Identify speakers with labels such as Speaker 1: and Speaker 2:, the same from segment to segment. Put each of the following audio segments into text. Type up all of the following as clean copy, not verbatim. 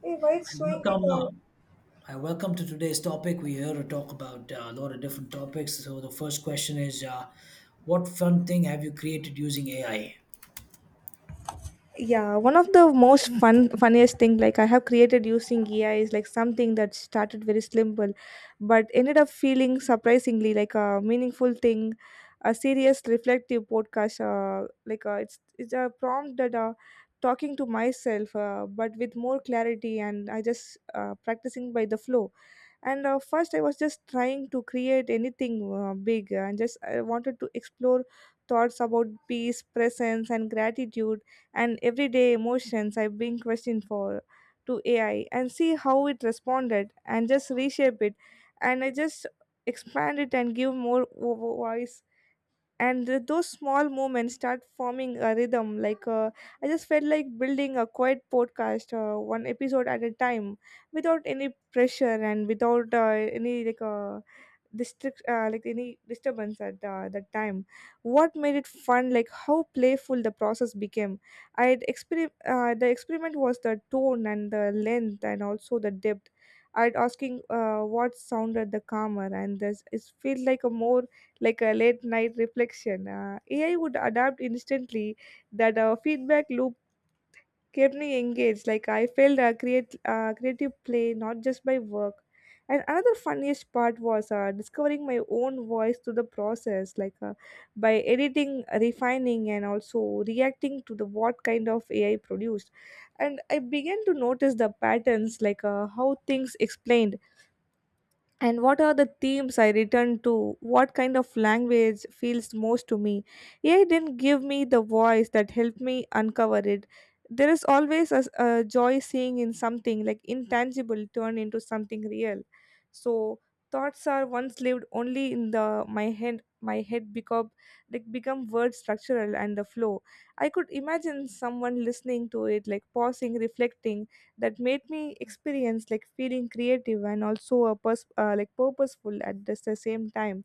Speaker 1: Hey, why it's
Speaker 2: And
Speaker 1: showing like
Speaker 2: Welcome, uh,
Speaker 1: a.
Speaker 2: welcome to today's topic. We're here to talk about a lot of different topics. So the first question is, what fun thing have you created using AI?
Speaker 1: Yeah, one of the most funniest thing like I have created using AI is like something that started very simple but ended up feeling surprisingly like a meaningful thing. A serious reflective podcast, it's a prompt that, talking to myself, but with more clarity. And I just, practicing by the flow. And first I was just trying to create anything, big, and just I wanted to explore thoughts about peace presence and gratitude and everyday emotions I've been questioned for to AI and see how it responded and just reshape it. And I just expand it and give more voice. And those small moments start forming a rhythm, like, I just felt like building a quiet podcast, one episode at a time, without any pressure and without, any like district like any disturbance at, that time. What made it fun, like how playful the process became. The experiment was the tone and the length and also the depth. I'd asking, what sounded the calmer, and this it felt like a more like a late night reflection. AI would adapt instantly. That feedback loop kept me engaged. Like I felt a create creative play, not just by work. And another funniest part was discovering my own voice through the process, like, by editing, refining, and also reacting to the what kind of AI produced. And I began to notice the patterns, like, how things explained and what are the themes I return to, what kind of language feels most to me. AI didn't give me the voice that helped me uncover it. There is always a joy seeing in something like intangible turn into something real. So thoughts are once lived only in the my head become like become word structural and the flow. I could imagine someone listening to it like pausing reflecting. That made me experience like feeling creative and also a purposeful at this, the same time.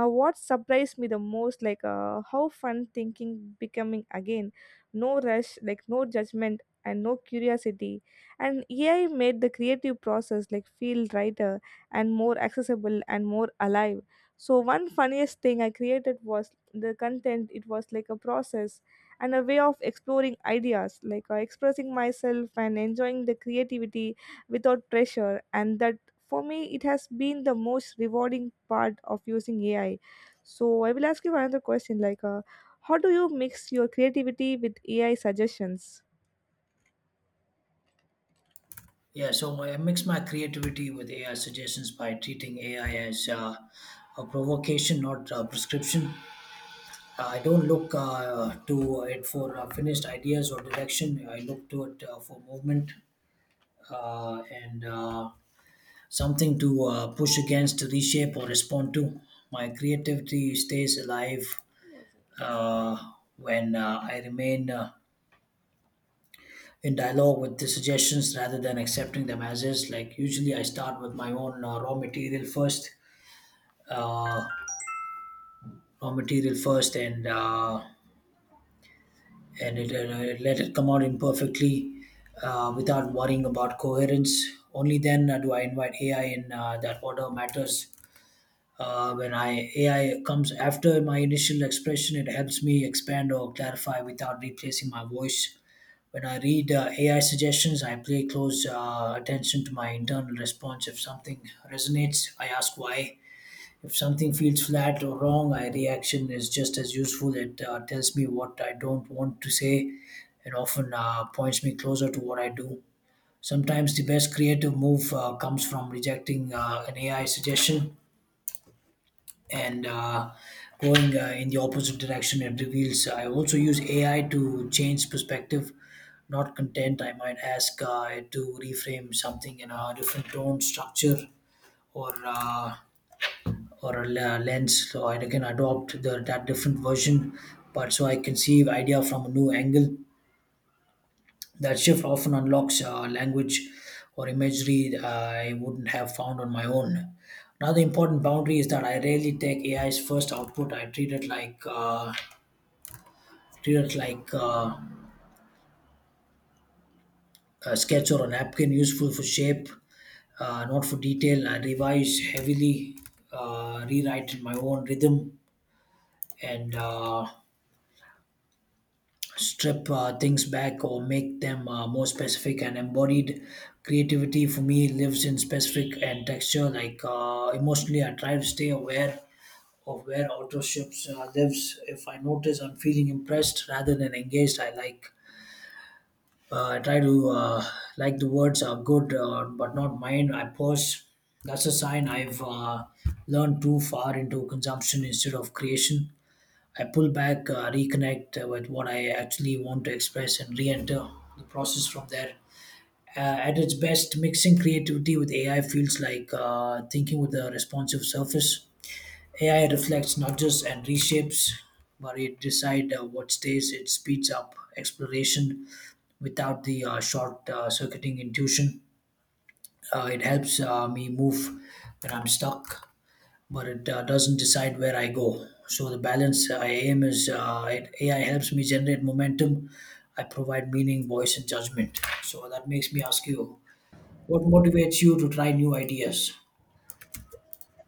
Speaker 1: What surprised me the most, like, how fun thinking becoming again. No rush, like no judgment and no curiosity. And AI made the creative process like feel lighter and more accessible and more alive. So one funniest thing I created was the content. It was like a process and a way of exploring ideas, like, expressing myself and enjoying the creativity without pressure. And that, for me, it has been the most rewarding part of using AI. So I will ask you another question, like, how do you mix your creativity with AI suggestions?
Speaker 2: Yeah, so I mix my creativity with AI suggestions by treating AI as a provocation, not a prescription. I don't look to it for finished ideas or direction. I look to it for movement and. Something to push against, reshape, or respond to. My creativity stays alive uh, when I remain in dialogue with the suggestions rather than accepting them as is. Like usually, I start with my own uh, raw material first, and let it come out imperfectly without worrying about coherence. Only then do I invite AI in, that order matters. When I AI comes after my initial expression, it helps me expand or clarify without replacing my voice. When I read AI suggestions, I pay close attention to my internal response. If something resonates, I ask why. If something feels flat or wrong, my reaction is just as useful. It tells me what I don't want to say, and often points me closer to what I do. Sometimes the best creative move comes from rejecting an AI suggestion and going in the opposite direction it reveals. I also use AI to change perspective, not content. I might ask it to reframe something in a different tone, structure, or uh, or a lens so I can adopt that different version, but so I can see the idea from a new angle. That shift often unlocks language or imagery I wouldn't have found on my own. Another important boundary is that I rarely take AI's first output. I treat it like a sketch or a napkin, useful for shape, not for detail. I revise heavily, rewrite in my own rhythm, and strip things back or make them more specific and embodied. Creativity for me lives in specific and texture. Like emotionally, I try to stay aware of where authorships lives. If I notice I'm feeling impressed rather than engaged, I like I try to like the words are good but not mine, I pause. That's a sign I've learned too far into consumption instead of creation. I pull back, reconnect with what I actually want to express, and re enter the process from there. At its best, mixing creativity with AI feels like thinking with a responsive surface. AI reflects, nudges and reshapes, but it decides what stays. It speeds up exploration without the short circuiting intuition. It helps me move when I'm stuck, but it doesn't decide where I go. So the balance I aim is, AI helps me generate momentum. I provide meaning, voice, and judgment. So that makes me ask you, what motivates you to try new ideas?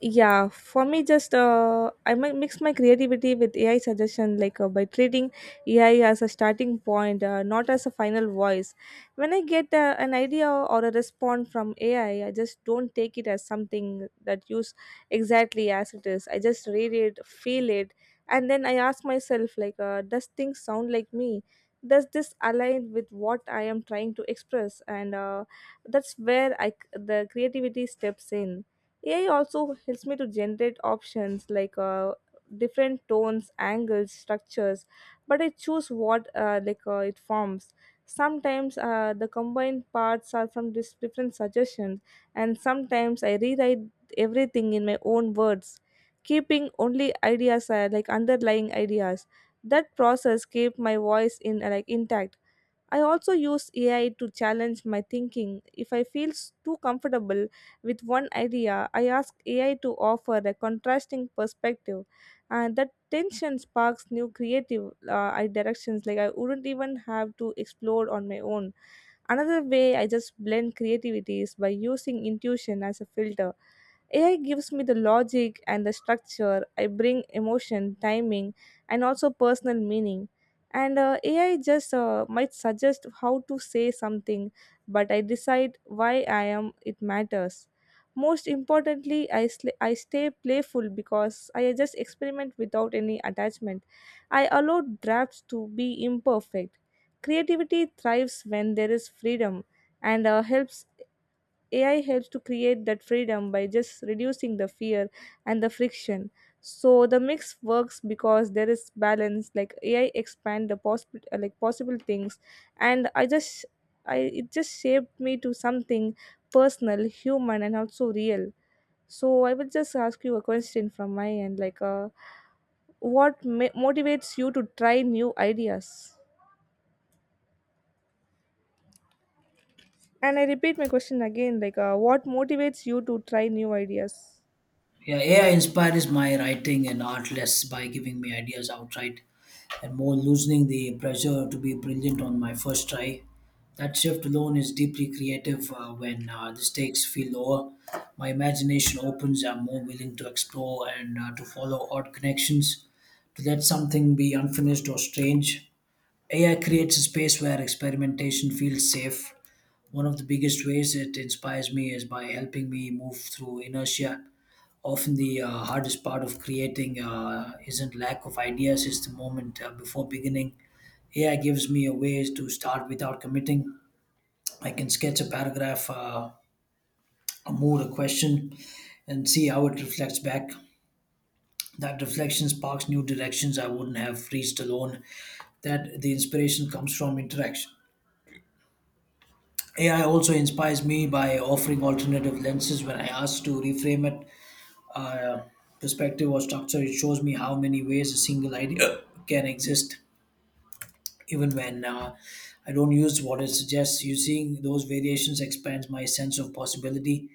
Speaker 1: Yeah, for me just, I might mix my creativity with AI suggestion, like, by treating AI as a starting point, not as a final voice. When I get, an idea or a response from AI, I just don't take it as something that use exactly as it is. I just read it, feel it, and then I ask myself, like, does things sound like me? Does this align with what I am trying to express? And that's where the creativity steps in. AI also helps me to generate options, like, different tones, angles, structures, but I choose what, it forms. Sometimes the combined parts are from different suggestions, and sometimes I rewrite everything in my own words, keeping only ideas, underlying ideas. That process keep my voice in, intact. I also use AI to challenge my thinking. If I feel too comfortable with one idea, I ask AI to offer a contrasting perspective, and that tension sparks new creative, directions like I wouldn't even have to explore on my own. Another way I just blend creativity is by using intuition as a filter. AI gives me the logic and the structure. I bring emotion, timing, and also personal meaning. And AI just, might suggest how to say something, but I decide why I am. It matters. Most importantly, I stay playful because I just experiment without any attachment. I allow drafts to be imperfect. Creativity thrives when there is freedom and helps AI helps to create that freedom by just reducing the fear and the friction. So the mix works because there is balance. Like AI expand the possible, possible things, and I just I it just shaped me to something personal, human, and also real. So I will just ask you a question from my end, like, what motivates you to try new ideas? And I repeat my question again, like, what motivates you to try new ideas?
Speaker 2: Yeah, AI inspires my writing and art less by giving me ideas outright and more loosening the pressure to be brilliant on my first try. That shift alone is deeply creative when the stakes feel lower. My imagination opens, I'm more willing to explore and to follow odd connections, to let something be unfinished or strange. AI creates a space where experimentation feels safe. One of the biggest ways it inspires me is by helping me move through inertia. Often the hardest part of creating isn't lack of ideas, it's the moment before beginning. AI gives me a ways to start without committing. I can sketch a paragraph, a mood, a question, and see how it reflects back. That reflection sparks new directions I wouldn't have reached alone. That the inspiration comes from interaction. AI also inspires me by offering alternative lenses. When I ask to reframe it, uh, perspective or structure, it shows me how many ways a single idea can exist, even when I don't use what it suggests. Using those variations expands my sense of possibility.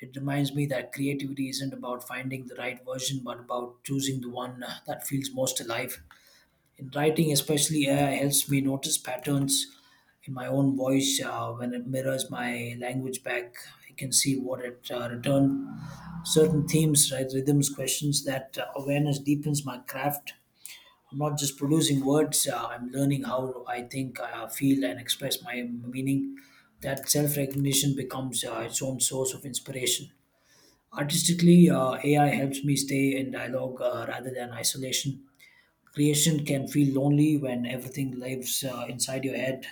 Speaker 2: It reminds me that creativity isn't about finding the right version, but about choosing the one that feels most alive. In writing, especially, AI helps me notice patterns in my own voice. When it mirrors my language back, I can see what it returned, certain themes, right, rhythms, questions. That awareness deepens my craft. I'm not just producing words. I'm learning how I think, feel, and express my meaning. That self-recognition becomes its own source of inspiration. Artistically, AI helps me stay in dialogue rather than isolation. Creation can feel lonely when everything lives inside your head.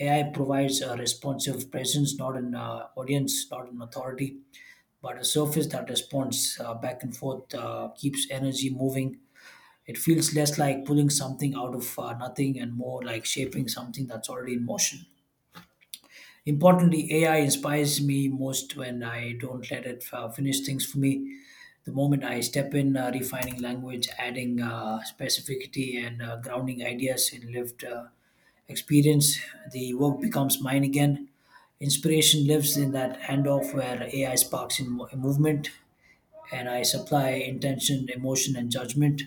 Speaker 2: AI provides a responsive presence, not an audience, not an authority, but a surface that responds back and forth, keeps energy moving. It feels less like pulling something out of nothing and more like shaping something that's already in motion. Importantly, AI inspires me most when I don't let it finish things for me. The moment I step in, refining language, adding specificity, and grounding ideas in lived experience, the work becomes mine again. Inspiration lives in that handoff where AI sparks in movement, and I supply intention, emotion, and judgment.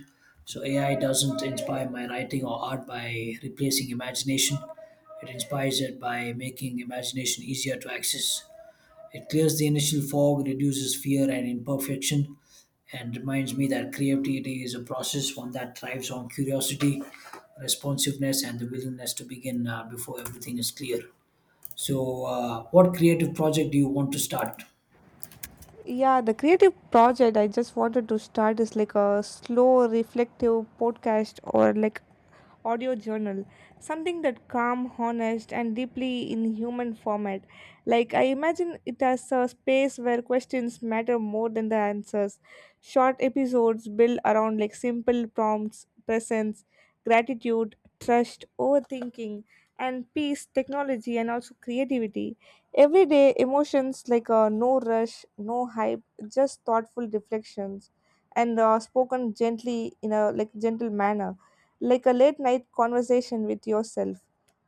Speaker 2: So AI doesn't inspire my writing or art by replacing imagination. It inspires it by making imagination easier to access. It clears the initial fog, reduces fear and imperfection, and reminds me that creativity is a process, one that thrives on curiosity, responsiveness, and the willingness to begin before everything is clear. So, what creative project do you want to start?
Speaker 1: Yeah, the creative project I just wanted to start is like a slow, reflective podcast or like audio journal, something that calm, honest, and deeply in human format. Like I imagine it as a space where questions matter more than the answers. Short episodes built around like simple prompts, presence, gratitude, trust, overthinking, and peace, technology, and also creativity. Everyday emotions like, no rush, no hype, just thoughtful reflections, and spoken gently in a like gentle manner, like a late night conversation with yourself.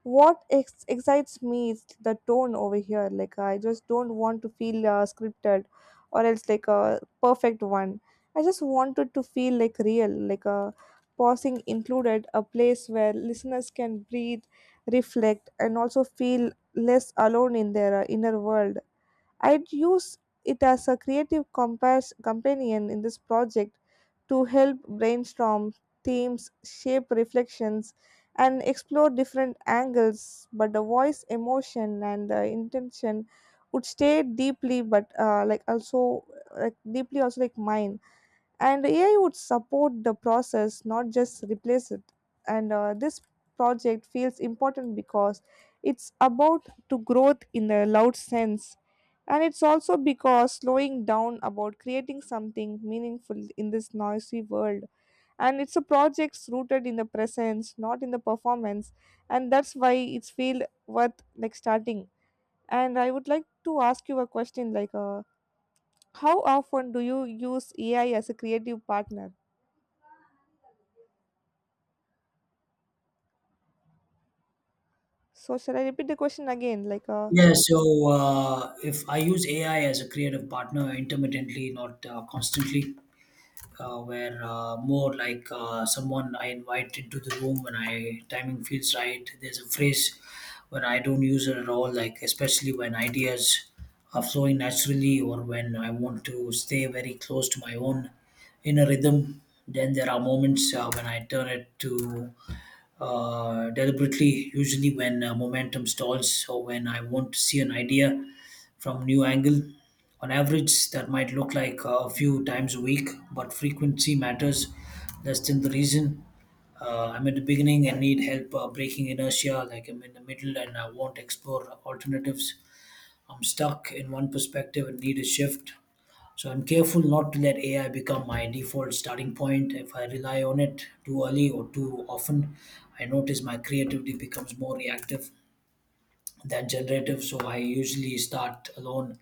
Speaker 1: What excites me is the tone over here. Like I just don't want to feel scripted, or else like a perfect one. I just wanted to feel like real, like a pausing included, a place where listeners can breathe, reflect, and also feel less alone in their, inner world. I'd use it as a creative compass companion in this project to help brainstorm themes, shape reflections, and explore different angles. But the voice, emotion, and intention would stay deeply, but, like also like deeply also like mine, and AI would support the process, not just replace it. And this project feels important because it's about to growth in a loud sense, and it's also because slowing down about creating something meaningful in this noisy world. And it's a project rooted in the presence, not in the performance, and that's why it's feel worth like starting. And I would like to ask you a question, like, how often do you use AI as a creative partner? So shall I repeat the question again? Like,
Speaker 2: Yeah, so if I use AI as a creative partner intermittently, not constantly, where more like someone I invite into the room when I timing feels right. There's a phrase when I don't use it at all, like especially when ideas are flowing naturally or when I want to stay very close to my own inner rhythm. Then there are moments when I turn it to deliberately, usually when momentum stalls or when I want to see an idea from a new angle. On average, that might look like a few times a week, but frequency matters less than the reason. I'm at the beginning and need help breaking inertia, like I'm in the middle and I want to explore alternatives. I'm stuck in one perspective and need a shift. So I'm careful not to let AI become my default starting point. If I rely on it too early or too often, I notice my creativity becomes more reactive than generative. So I usually start alone,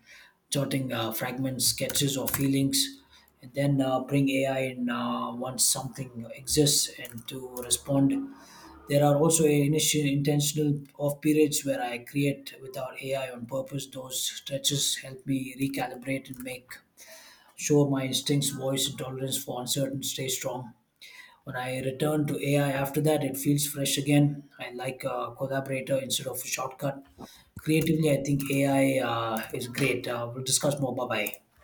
Speaker 2: jotting fragments, sketches, or feelings, and then bring AI in once something exists and to respond. There are also initial intentional off periods where I create without AI on purpose. Those stretches help me recalibrate and make sure my instincts, voice and tolerance for uncertain stay strong. When I return to AI after that, it feels fresh again. I like a collaborator instead of a shortcut. Creatively, I think AI is great. We'll discuss more. Bye bye.